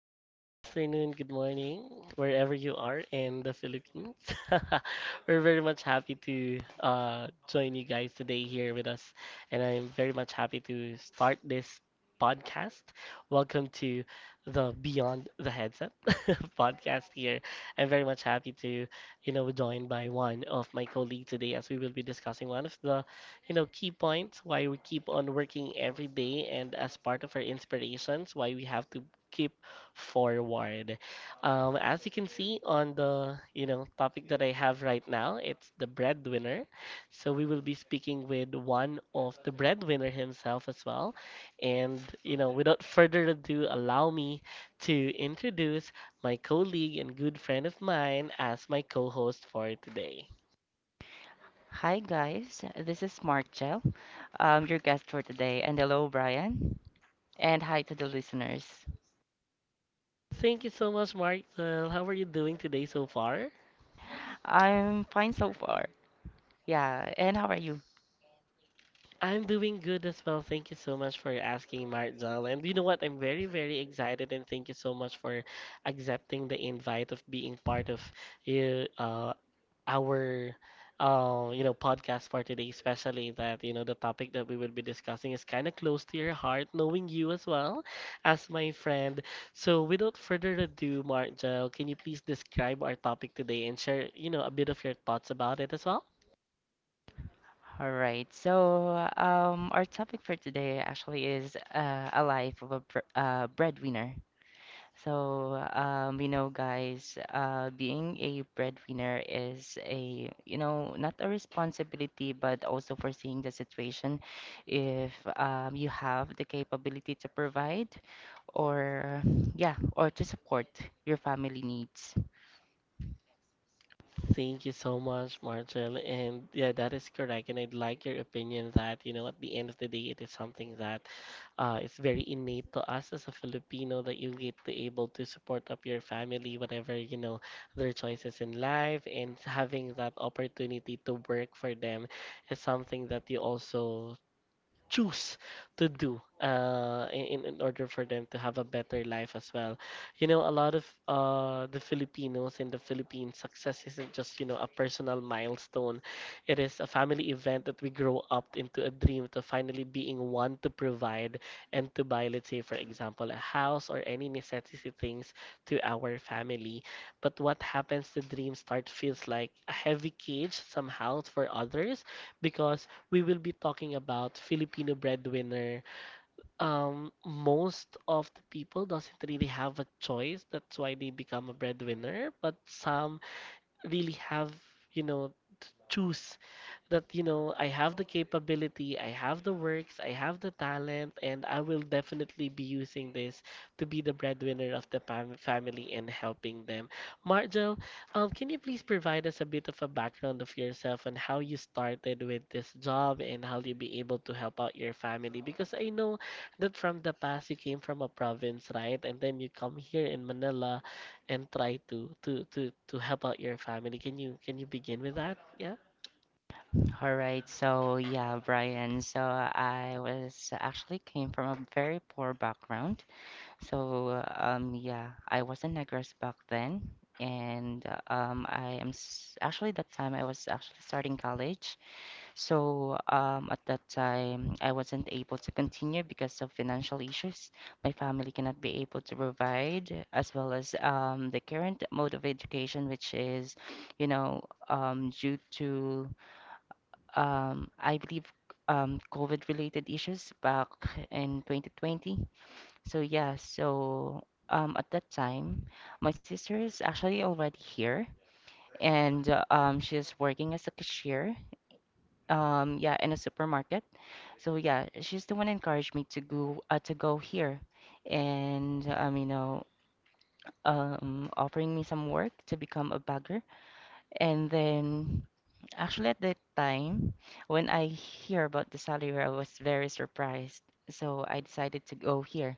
Good afternoon, good morning, wherever you are in the Philippines. We're very much happy to join you guys today here with us, and I'm very much happy to start this podcast. Welcome to the Beyond the Headset podcast here. I'm very much happy to, you know, joined by one of my colleagues today as we will be discussing one of the you know, key points why we keep on working every day and as part of our inspirations, why we have to keep forward. As you can see on the, you know, topic that I have right now, it's the breadwinner. So we will be speaking with one of the breadwinner himself as well. And, you know, without further ado, allow me to introduce my colleague and good friend of mine as my co-host for today. Hi guys, this is Mark Gel, your guest for today, and hello Brian, and hi to the listeners. Thank you so much, Martel. How are you doing today so far? I'm fine so far. Yeah, and how are you? I'm doing good as well. Thank you so much for asking, Martel. And you know what? I'm very, very excited, and thank you so much for accepting the invite of being part of you, our you know podcast for today, especially that you know the topic that we will be discussing is kind of close to your heart, knowing you as well as my friend. So without further ado, Mark Joe, can you please describe our topic today and share you know a bit of your thoughts about it as well? All right. So, our topic for today actually is a life of a br breadwinner. So, guys, being a breadwinner is not a responsibility, but also foreseeing the situation if you have the capability to provide or, yeah, or to support your family needs. Thank you so much, Marcel. And yeah, that is correct. And I'd like your opinion that, you know, at the end of the day, it is something that it's very innate to us as a Filipino that you get to able to support up your family, whatever, you know, their choices in life, and having that opportunity to work for them is something that you also choose to do in order for them to have a better life as well. You know, a lot of the Filipinos in the Philippines, success isn't just, you know, a personal milestone. It is a family event that we grow up into a dream to finally being one to provide and to buy, let's say, for example, a house or any necessity things to our family. But what happens, the dream start feels like a heavy cage somehow for others because we will be talking about Filipino breadwinner. Most of the people doesn't really have a choice. That's why they become a breadwinner. But some really have, you know, to choose that you know I have the capability, I have the works, I have the talent, and I will definitely be using this to be the breadwinner of the family and helping them. Margel, can you please provide us a bit of a background of yourself and how you started with this job and how you be able to help out your family? Because I know that from the past you came from a province, right? And then you come here in Manila and try to help out your family. Can you begin with that? Yeah. All right. So, yeah, Brian. So, I was actually came from a very poor background. So, yeah, I was in Negros back then, and I am s actually that time I was actually starting college. So, at that time, I wasn't able to continue because of financial issues. My family cannot be able to provide, as well as the current mode of education, which is, you know, due to, I believe, COVID-related issues back in 2020. So yeah, so at that time, my sister is actually already here, and she's working as a cashier. Yeah, in a supermarket. So yeah, she's the one encouraged me to go here, and offering me some work to become a bagger. And then, actually, at that time, when I hear about the salary, I was very surprised. So I decided to go here.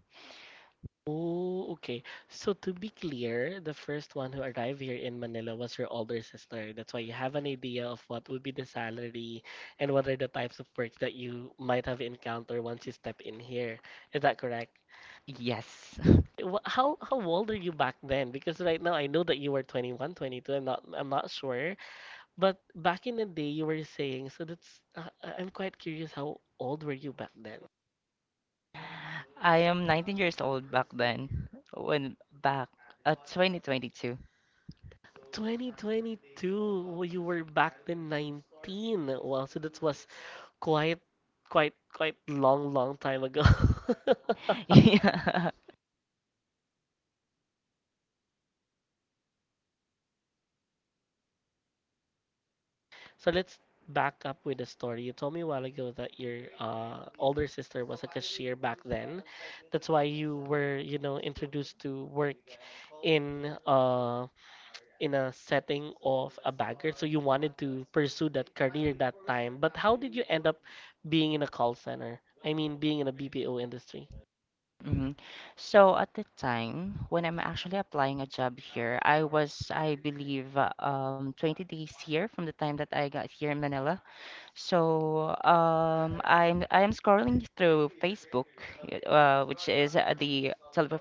Oh, okay. So to be clear, the first one who arrived here in Manila was your older sister. That's why you have an idea of what would be the salary and what are the types of work that you might have encountered once you step in here. Is that correct? Yes. How how old are you back then? Because right now I know that you were 21, 22. I'm not sure, but back in the day you were saying, so that's I'm quite curious how old were you back then? I am 19 years old back then, when back at 2022. 2022. Well, you were back then 19. Well, so that was quite, quite long, long time ago. Yeah. So let's back up with the story. You told me a while ago that your older sister was a cashier back then. That's why you were, you know, introduced to work in uh, in a setting of a bagger, so you wanted to pursue that career that time. But how did you end up being in a call center? I mean, being in a BPO industry. Mhm. So at the time when I'm actually applying a job here, I was, I believe, 20 days here from the time that I got here in Manila. So I am scrolling through Facebook, which is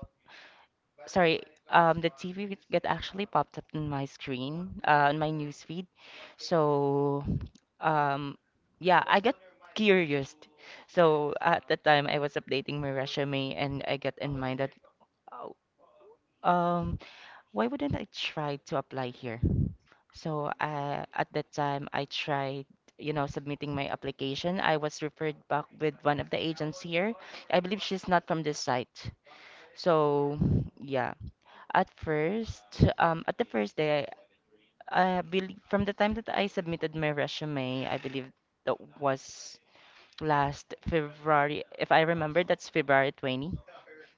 sorry, the TV get actually popped up on my screen, on my news feed. So, um, yeah, I got curious. So at the time, I was updating my resume, and I got in mind that, oh, um, why wouldn't I try to apply here? So at that time, I tried, submitting my application. I was referred back with one of the agents here. I believe she's not from this site. So yeah, at first, at the first day, I believe from the time that I submitted my resume, I believe that was last February. If I remember, that's February 20.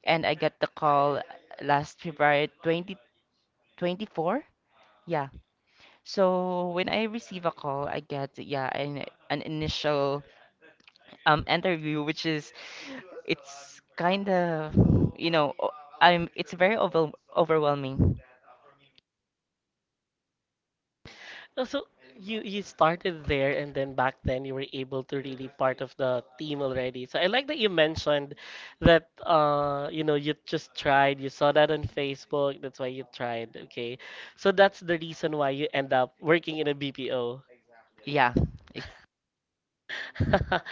And I got the call last February 2024. Yeah. So when I receive a call, I get, yeah, an initial interview, which is, it's kind of, you know, o- it's very overwhelming. Oh, so you started there, and then back then you were able to really part of the team already. So I like that you mentioned that you know you just tried, you saw that on Facebook, that's why you tried. Okay, so that's the reason why you end up working in a BPO. Yeah,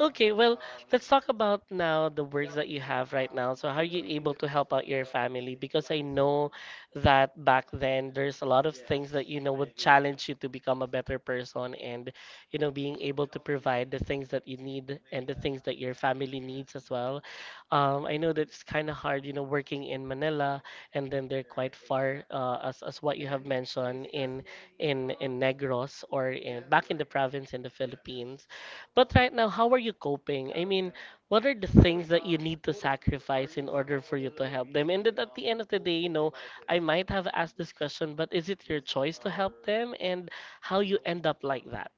Okay, well, let's talk about now the works that you have right now. So, how are you able to help out your family? Because I know that back then there's a lot of things that you know would challenge you to become a better person and you know being able to provide the things that you need and the things that your family needs as well. I know that it's kind of hard, you know, working in Manila and then they're quite far as what you have mentioned in in Negros or in back in the province in the Philippines. But right now, how are you coping? I mean, what are the things that you need to sacrifice in order for you to help them? And then at the end of the day, you know, I might have asked this question, but is it your choice to help them and how you end up like that?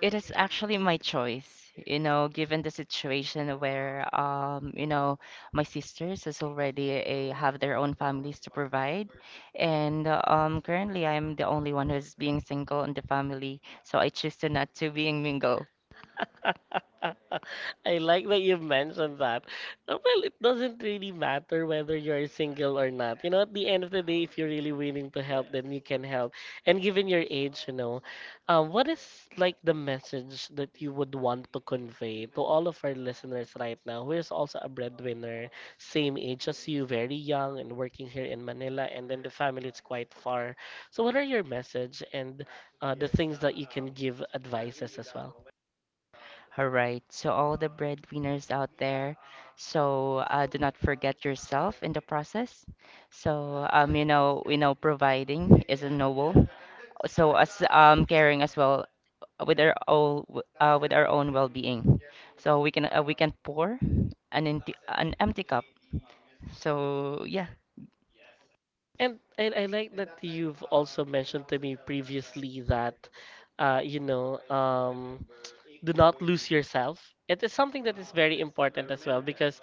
it is actually my choice, you know, given the situation where, my sisters is already have their own families to provide, and currently I'm the only one who's being single in the family, so I choose to not to being mingle. I like that you mentioned that. Well it doesn't really matter whether you're single or not. You know, at the end of the day, if you're really willing to help, then you can help. And given your age, you know, what is like the message that you would want to convey to all of our listeners right now, who is also a breadwinner, same age as you, very young, and working here in Manila, and then the family is quite far. So, what are your message and the things that you can give advices as well? All right, so all the breadwinners out there, so do not forget yourself in the process. So providing is a noble. So as caring as well with our own with our own well-being, so we can pour an empty cup. So yeah. And I like that you've also mentioned to me previously that, uh, you know, um, do not lose yourself. It is something that is very important as well because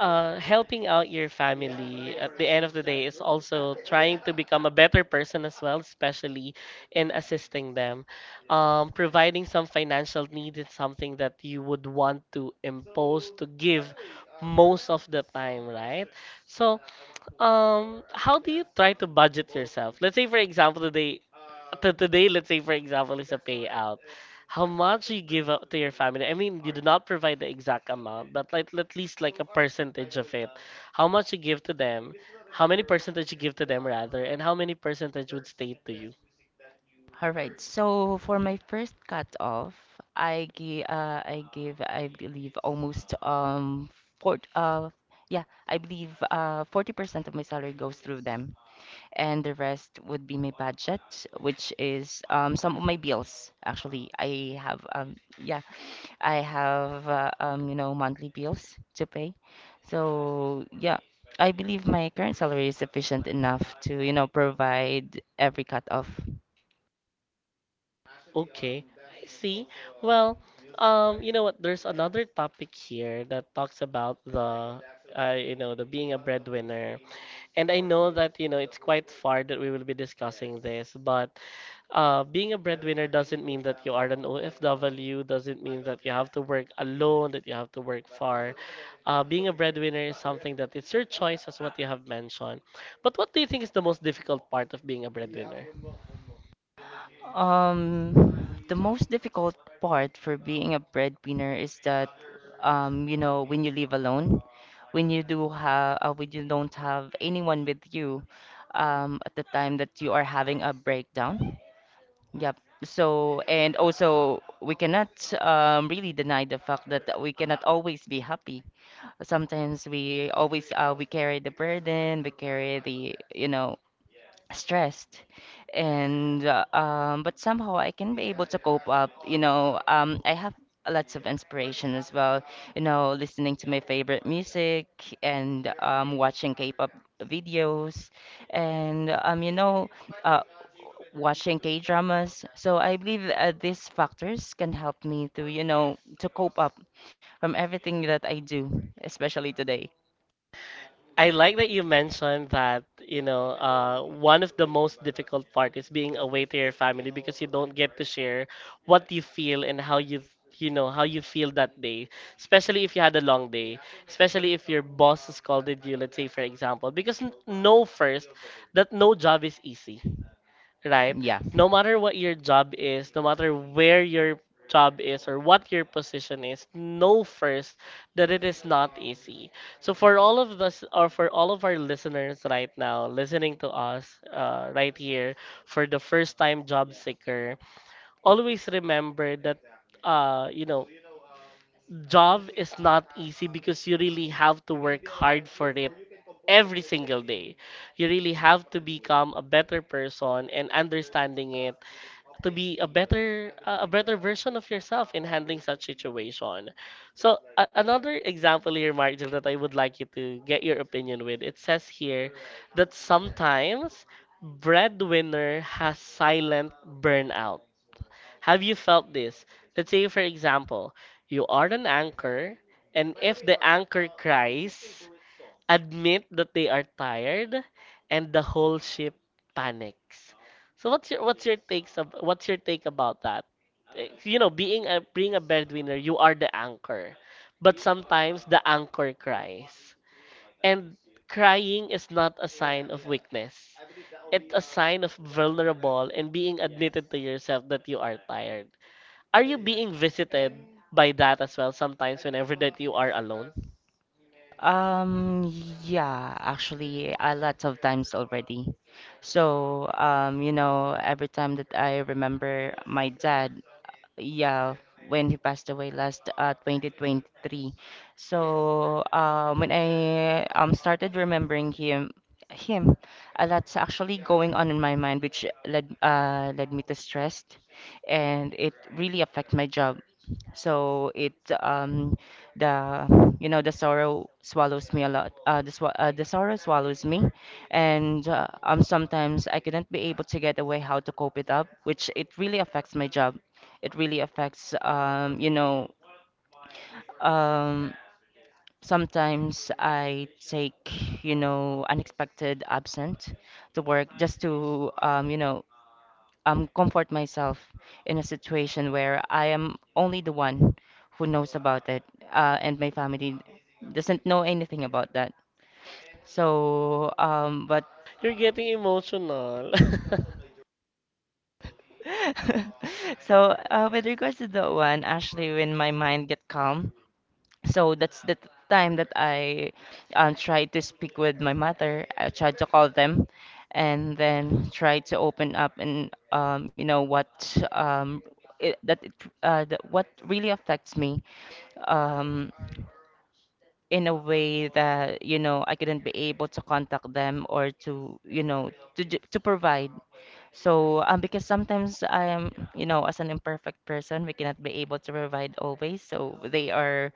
helping out your family at the end of the day is also trying to become a better person as well, especially in assisting them. Providing some financial need is something that you would want to impose to give most of the time, right? So, how do you try to budget yourself? Let's say, for example, today, let's say, for example, is a payout. How much you give up to your family? I mean, you do not provide the exact amount, but like at least like a percentage of it. How much you give to them? How many percentage you give to them rather, and how many percentage would stay to you? All right, so for my first cut off I give, I give, I believe, almost four yeah, I believe, 40% of my salary goes through them, and the rest would be my budget, which is some of my bills. Actually, I have I have monthly bills to pay. So yeah, I believe my current salary is sufficient enough to, provide every cut-off. Okay, I see. Well, you know what? There's another topic here that talks about the, you know, the being a breadwinner. And I know that, you know, it's quite far that we will be discussing this, but being a breadwinner doesn't mean that you are an OFW, doesn't mean that you have to work alone, that you have to work far. Being a breadwinner is something that it's your choice, as what you have mentioned. But what do you think is the most difficult part of being a breadwinner? The most difficult part for being a breadwinner is that, when you live alone, when you don't have anyone with you, at the time that you are having a breakdown. Yep. So, and also, we cannot really deny the fact that we cannot always be happy. Sometimes we always we carry the burden, we carry the stressed, and but somehow I can be able to cope up. I have lots of inspiration as well, listening to my favorite music, and watching K-pop videos, and uh watching K-dramas. So I believe these factors can help me to to cope up from everything that I do, especially today. I like that you mentioned that, you know, one of the most difficult part is being away to your family because you don't get to share what you feel and how you, you know, how you feel that day, especially if you had a long day, especially if your boss scolded you, let's say, for example, because know first that no job is easy right? Yeah. No matter what your job is, no matter where your job is or what your position is, know first that it is not easy. So for all of us or for all of our listeners right now listening to us right here for the first time job seeker, always remember that you know job is not easy because you really have to work hard for it every single day. You really have to become a better person and understanding it to be a better a better version of yourself in handling such situation. So another example here, Margil, that I would like you to get your opinion with. It says here that sometimes breadwinner has silent burnout. Have you felt this? Let's say, for example, you are an anchor, and if the anchor cries, admit that they are tired, and the whole ship panics. So what's your takes of what's your take about that? Being a breadwinner, you are the anchor. But sometimes the anchor cries. And Crying is not a sign of weakness. It's a sign of vulnerable and being admitted to yourself that you are tired. Are you being visited by that as well sometimes whenever that you are alone? Um, yeah, actually, a lot of times already. So, every time that I remember my dad, yeah, when he passed away last 2023. So when I started remembering him, a lot's actually going on in my mind, which led me to stress, and it really affect my job. So it um the you know the sorrow swallows me a lot. The sorrow swallows me, and sometimes I couldn't be able to get away how to cope it up, which it really affects my job. It really affects, um, sometimes I take, unexpected absent to work just to, comfort myself in a situation where I am only the one who knows about it, and my family doesn't know anything about that. So, but You're getting emotional. so, with regards to that one, actually, when my mind get calm, so that's the time that I tried to speak with my mother. I tried to call them and then tried to open up and you know what um, it, that what really affects me. Um, in a way that I couldn't be able to contact them or to you know to ju- to provide. So because sometimes I am, as an imperfect person, we cannot be able to provide always. So they are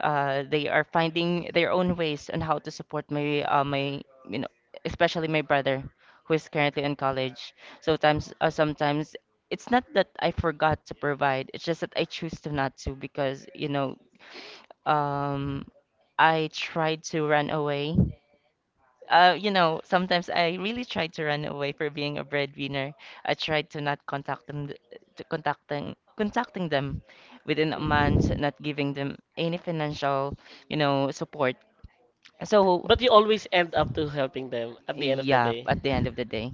uh they are finding their own ways on how to support my my you know especially my brother who is currently in college. Sometimes it's not that I forgot to provide. It's just that I choose to not to, because um, I tried to run away. Sometimes I really tried to run away for being a breadwinner. I tried to not contact them, to contacting them within a month, Mm. not giving them any financial, support. So, But you always end up to helping them at the end of the yeah, day, at the end of the day.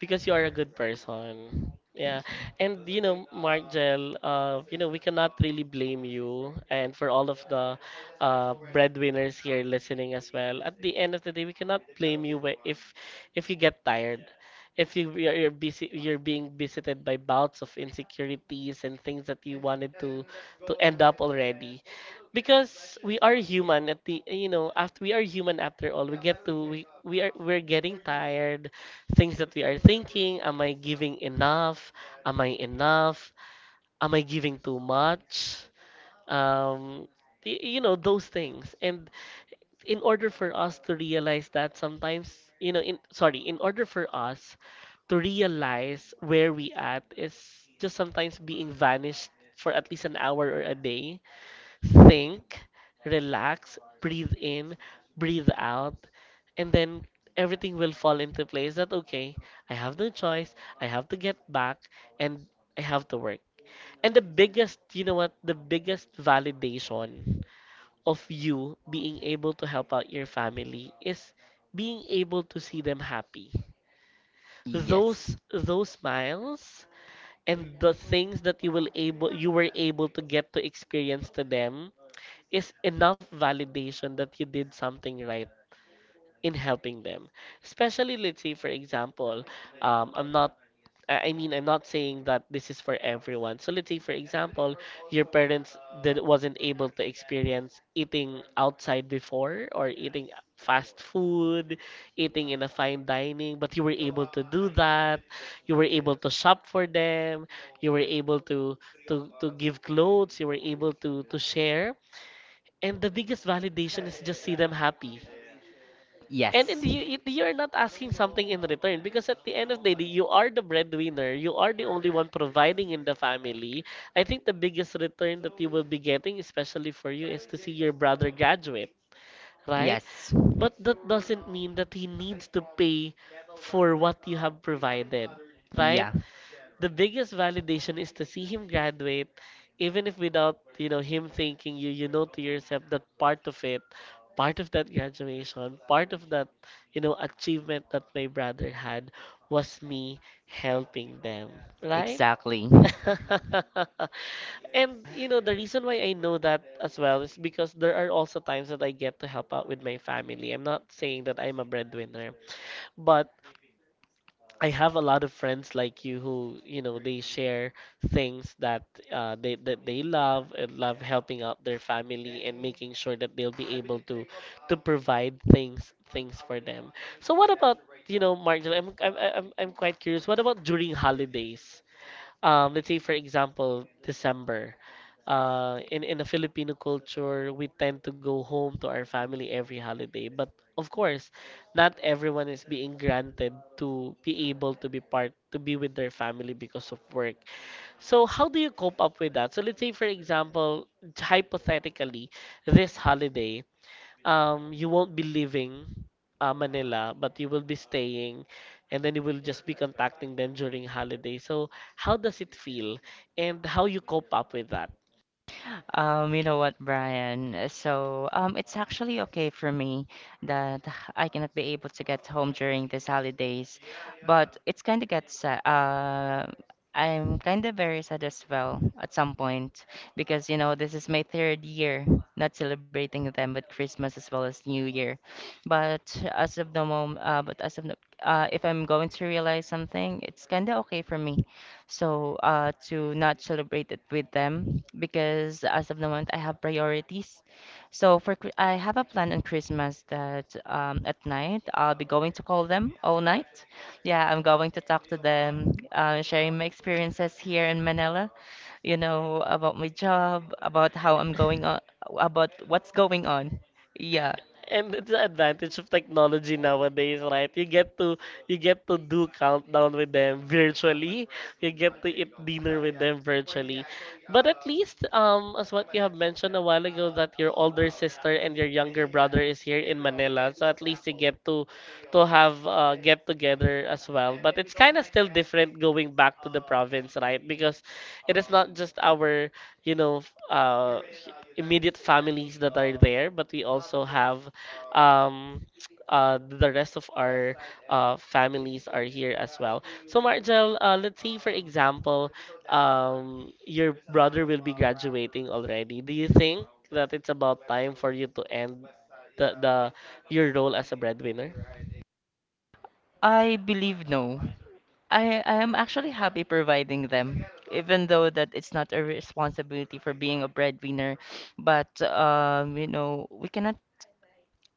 because you are a good person. Yeah. And you know, Mark Gel, you know, we cannot really blame you and for all of the breadwinners here listening as well. At the end of the day, we cannot blame you if you get tired. If you're busy, you're being visited by bouts of insecurities and things that you wanted to end up already, because we are human. At the you know, after we are human after all, we get to we're getting tired things that we are thinking. Am I giving enough? Am I enough? Am I giving too much? Um, you know, those things. And in order for us to realize that sometimes, you know, in sorry, in order for us to realize where we at is just sometimes being vanished for at least an hour or a day think, relax, breathe in, breathe out, and then everything will fall into place that okay, I have no choice, I have to get back and I have to work. And the biggest, you know what, the biggest validation of you being able to help out your family is being able to see them happy. Yes. Those smiles, and the things that you will able you were able to get to experience to them is enough validation that you did something right in helping them. Especially, let's say, for example, I'm not, I mean, I'm not saying that this is for everyone. So let's say, for example, your parents that wasn't able to experience eating outside before or eating fast food eating in a fine dining, but you were able to do that. You were able to shop for them. You were able to give clothes. You were able to share. And the biggest validation is just see them happy. And in the, Yes. you, you're not asking something in return because at the end of the day, you are the breadwinner. You are the only one providing in the family. I think the biggest return that you will be getting, especially for you, is to see your brother graduate, right? Yes. But that doesn't mean that he needs to pay for what you have provided, right? Yeah, The biggest validation is to see him graduate, even if without, you know, him thanking you, you know to yourself that part of it, part of that graduation, part of that, you know, achievement that my brother had was me helping them, right? exactly. And you know, the reason why I know that as well is because there are also times that I get to help out with my family. I'm not saying that I'm a breadwinner, but I have a lot of friends like you who, you know, they share things that they that they love and love helping out their family and making sure that they'll be able to provide things for them. So what about, you know, Mark, I'm quite curious. What about during holidays? Let's say for example December, in the Filipino culture we tend to go home to our family every holiday, but of course not everyone is being granted to be able to be part to be with their family because of work. So how do you cope up with that? So let's say for example, hypothetically, this holiday, you won't be leaving Manila, but you will be staying, and then you will just be contacting them during holiday. So, how does it feel, and how you cope up with that? You know what, Brian? So, it's actually okay for me that I cannot be able to get home during these holidays, but it's kind of get sad. I'm kind of very sad as well at some point, because this is my third year not celebrating them with Christmas as well as New Year. But as of the moment, but as of the, if I'm going to realize something, it's kind of okay for me, so to not celebrate it with them because as of the moment I have priorities. So I have a plan on Christmas that, at night I'll be going to call them all night. Yeah, I'm going to talk to them, sharing my experiences here in Manila, about my job, about how I'm going on, about what's going on. Yeah. And it's the advantage of technology nowadays, right? You get to do countdown with them virtually. You get to eat dinner with them virtually. But at least, as what you have mentioned a while ago, that your older sister and your younger brother is here in Manila, so at least you get to have get together as well. But it's kind of still different going back to the province, right? Because it is not just our, you know, f- uh, immediate families that are there, but we also have um, the rest of our families are here as well. So, Margel, let's say, for example, your brother will be graduating already. Do you think that it's about time for you to end the your role as a breadwinner? I believe no. I am actually happy providing them, even though that it's not a responsibility for being a breadwinner. But we cannot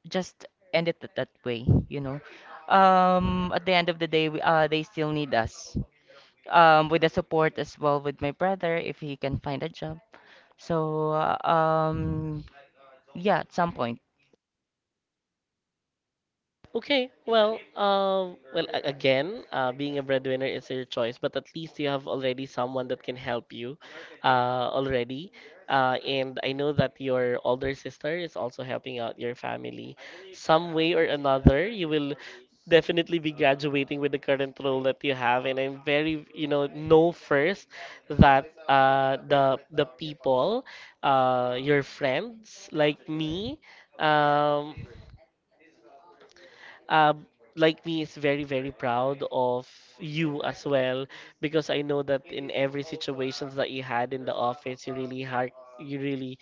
just end it that that way. At the end of the day, they still need us. With the support as well with my brother if he can find a job. So yeah, at some point. Okay, well, well, again, being a breadwinner is your choice, but at least you have already someone that can help you, already. And I know that your older sister is also helping out your family. Some way or another, you will definitely be graduating with the current role that you have. And I'm very, you know first that the people, your friends um, uh, like me is very very proud of you as well because I know that in every situations that you had in the office you really had you really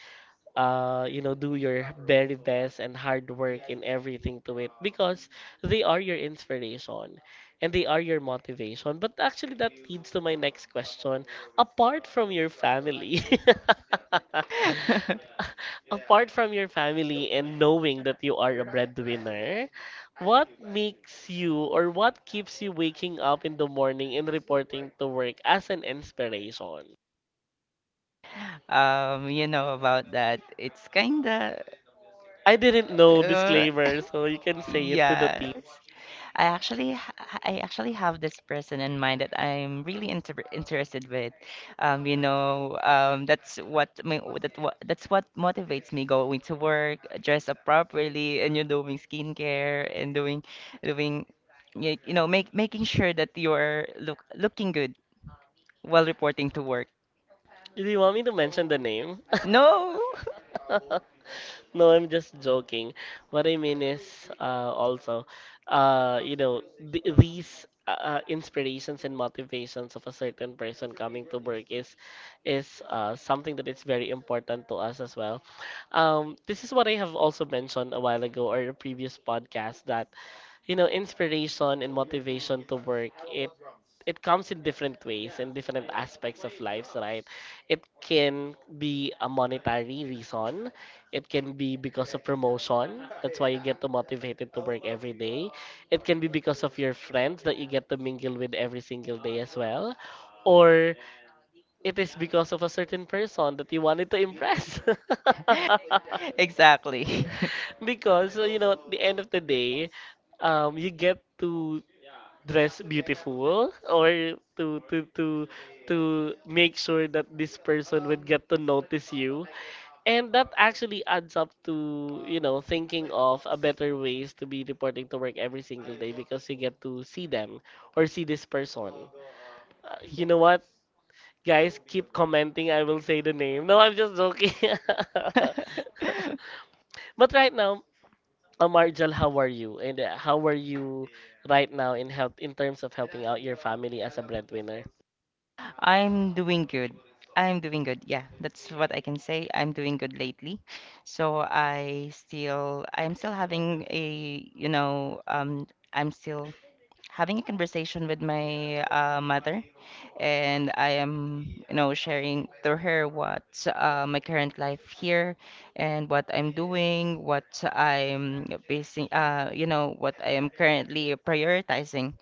you know, do your very best and hard work in everything to it because they are your inspiration and they are your motivation. But actually, that leads to my next question. Apart from your family, apart from your family and knowing that you are a breadwinner, what makes you or what keeps you waking up in the morning and reporting to work as an inspiration? You know about that. It's kinda. I didn't know, Uh, disclaimer, so you can say it to the Yes. I actually have this person in mind that I'm really interested with. That's what my that what that's what motivates me going to work, dress up properly, and you're doing skincare and doing doing y- you know, make making sure that you're looking good while reporting to work. Do you want me to mention the name? No. No, I'm just joking. What I mean is, also, you know, th these inspirations and motivations of a certain person coming to work is something that is very important to us as well. This is what I have also mentioned a while ago or a previous podcast that you know inspiration and motivation to work it comes in different ways and different aspects of lives, right? It can be a monetary reason, it can be because of promotion, that's why you get to motivated to work every day. It can be because of your friends that you get to mingle with every single day as well, or it is because of a certain person that you wanted to impress. Exactly. Because you know at the end of the day you get to dress beautiful or to to make sure that this person would get to notice you and that actually adds up to you know thinking of a better ways to be reporting to work every single day because you get to see them or see this person. You know what. Guys, keep commenting. I will say the name. No, I'm just joking. But right now, Marjal, how are you? And how are you right now in help in terms of helping out your family as a breadwinner? I'm doing good. I'm doing good. Yeah, that's what I can say. I'm doing good lately. So I'm still having I'm still a conversation with my mother, and I am, sharing to her what, my current life here and what I'm doing, what I'm basing, what I am currently prioritizing.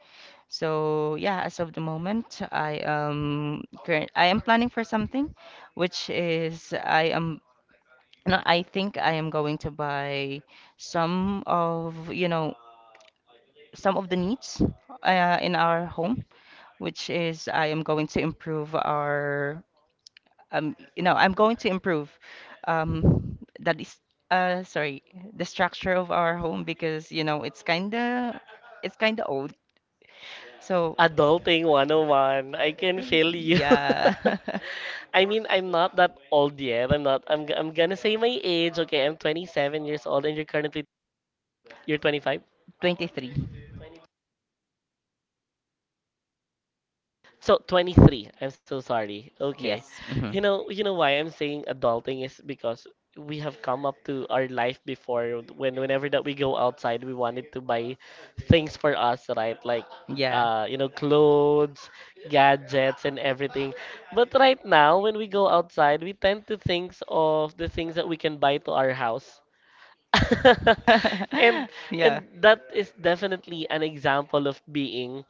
So yeah, as of the moment, I am current. I am planning for something, which is I am. No, I think I am going to buy some of you know some of the needs, in our home, which is I am going to improve our, I'm going to improve, that is sorry, the structure of our home, because you know it's kinda old. So Adulting 101. I can feel you. yeah. I mean, I'm not that old yet. I'm not. I'm. G- I'm gonna say my age. Okay, I'm 27 years old, and you're currently you're 25. 23. So 23. I'm so sorry. Okay. Yes. Hmm. You know why I'm saying adulting is because we have come up to our life before when whenever that we go outside, we wanted to buy things for us, right? Like Yeah. You know, clothes, gadgets and everything. But right now when we go outside, we tend to think of the things that we can buy to our house. and Yeah. and that is definitely an example of being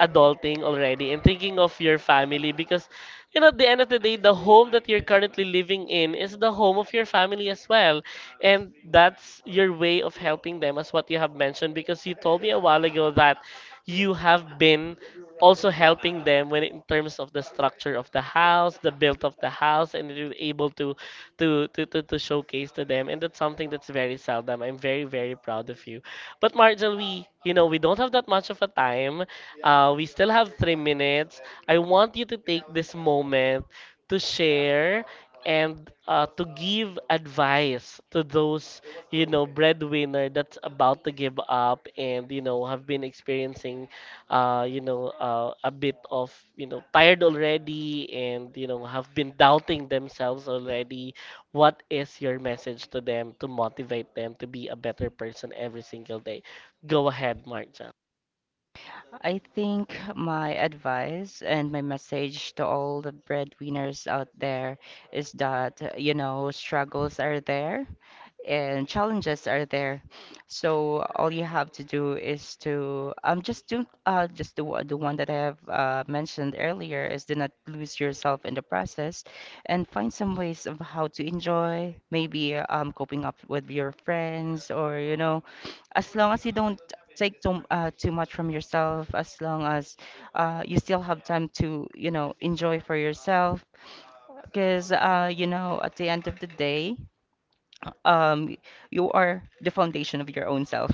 adulting already and thinking of your family because you know at the end of the day the home that you're currently living in is the home of your family as well, and that's your way of helping them as what you have mentioned because you told me a while ago that you have been also helping them when in terms of the structure of the house, the build of the house, and you're able to to showcase to them. And that's something that's very seldom. I'm very very proud of you. But Margel, we you know we don't have that much of a time. We still have 3 minutes. I want you to take this moment to share and to give advice to those you know breadwinner that's about to give up and you know have been experiencing you know a bit of you know tired already and you know have been doubting themselves already. What is your message to them to motivate them to be a better person every single day? Go ahead, Mark. I think my advice and my message to all the breadwinners out there is that, struggles are there and challenges are there. So all you have to do is to just do the one that I have mentioned earlier, is do not lose yourself in the process, and find some ways of how to enjoy, maybe coping up with your friends, or, as long as you don't take too much from yourself, as long as, you still have time to enjoy for yourself, because, at the end of the day, um, you are the foundation of your own self.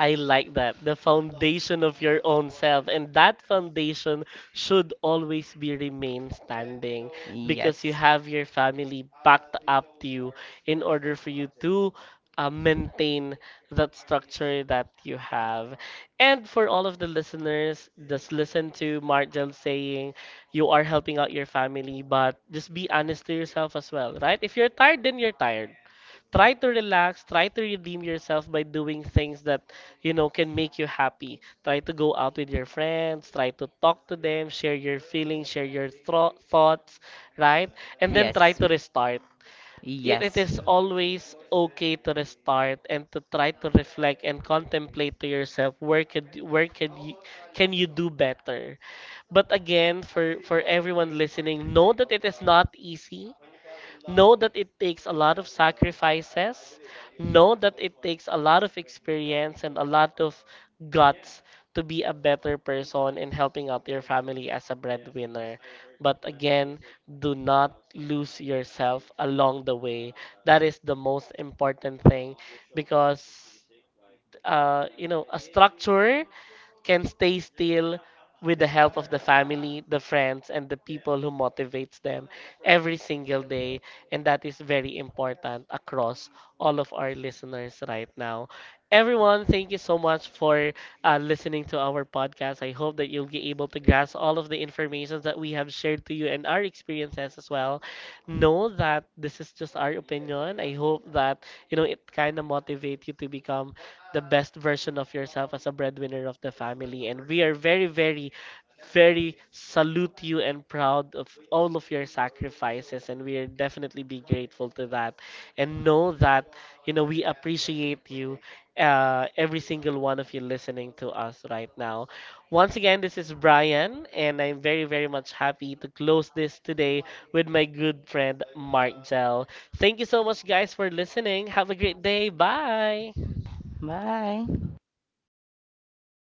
I like that. The foundation of your own self. And that foundation should always be remain standing because you Yes. have your family backed up to you in order for you to maintain that structure that you have. And for all of the listeners, just listen to Marjel saying you are helping out your family, but just be honest to yourself as well, right? If you're tired, then you're tired. Try to relax, try to redeem yourself by doing things that you know can make you happy. Try to go out with your friends, try to talk to them, share your feelings, share your thoughts, right? And then Yes. try to restart. It, Yes. is always okay to restart and to try to reflect and contemplate to yourself where could you can you do better. But again, for everyone listening, know that it is not easy, know that it takes a lot of sacrifices, know that it takes a lot of experience and a lot of guts to be a better person in helping out your family as a breadwinner. But again, do not lose yourself along the way. That is the most important thing because you know a structure can stay still with the help of the family, the friends, and the people who motivates them every single day. And that is very important across all of our listeners right now. Everyone, thank you so much for listening to our podcast. I hope that you'll be able to grasp all of the information that we have shared to you and our experiences as well. Know that this is just our opinion. I hope that, you know, it kind of motivates you to become the best version of yourself as a breadwinner of the family. And we are very, very, very salute you and proud of all of your sacrifices. And we are definitely be grateful to that. And know that, you know, we appreciate you, every single one of you listening to us right now. Once again, this is Brian, and I'm very, very much happy to close this today with my good friend Mark Gel. Thank you so much, guys, for listening. Have a great day. Bye. Bye.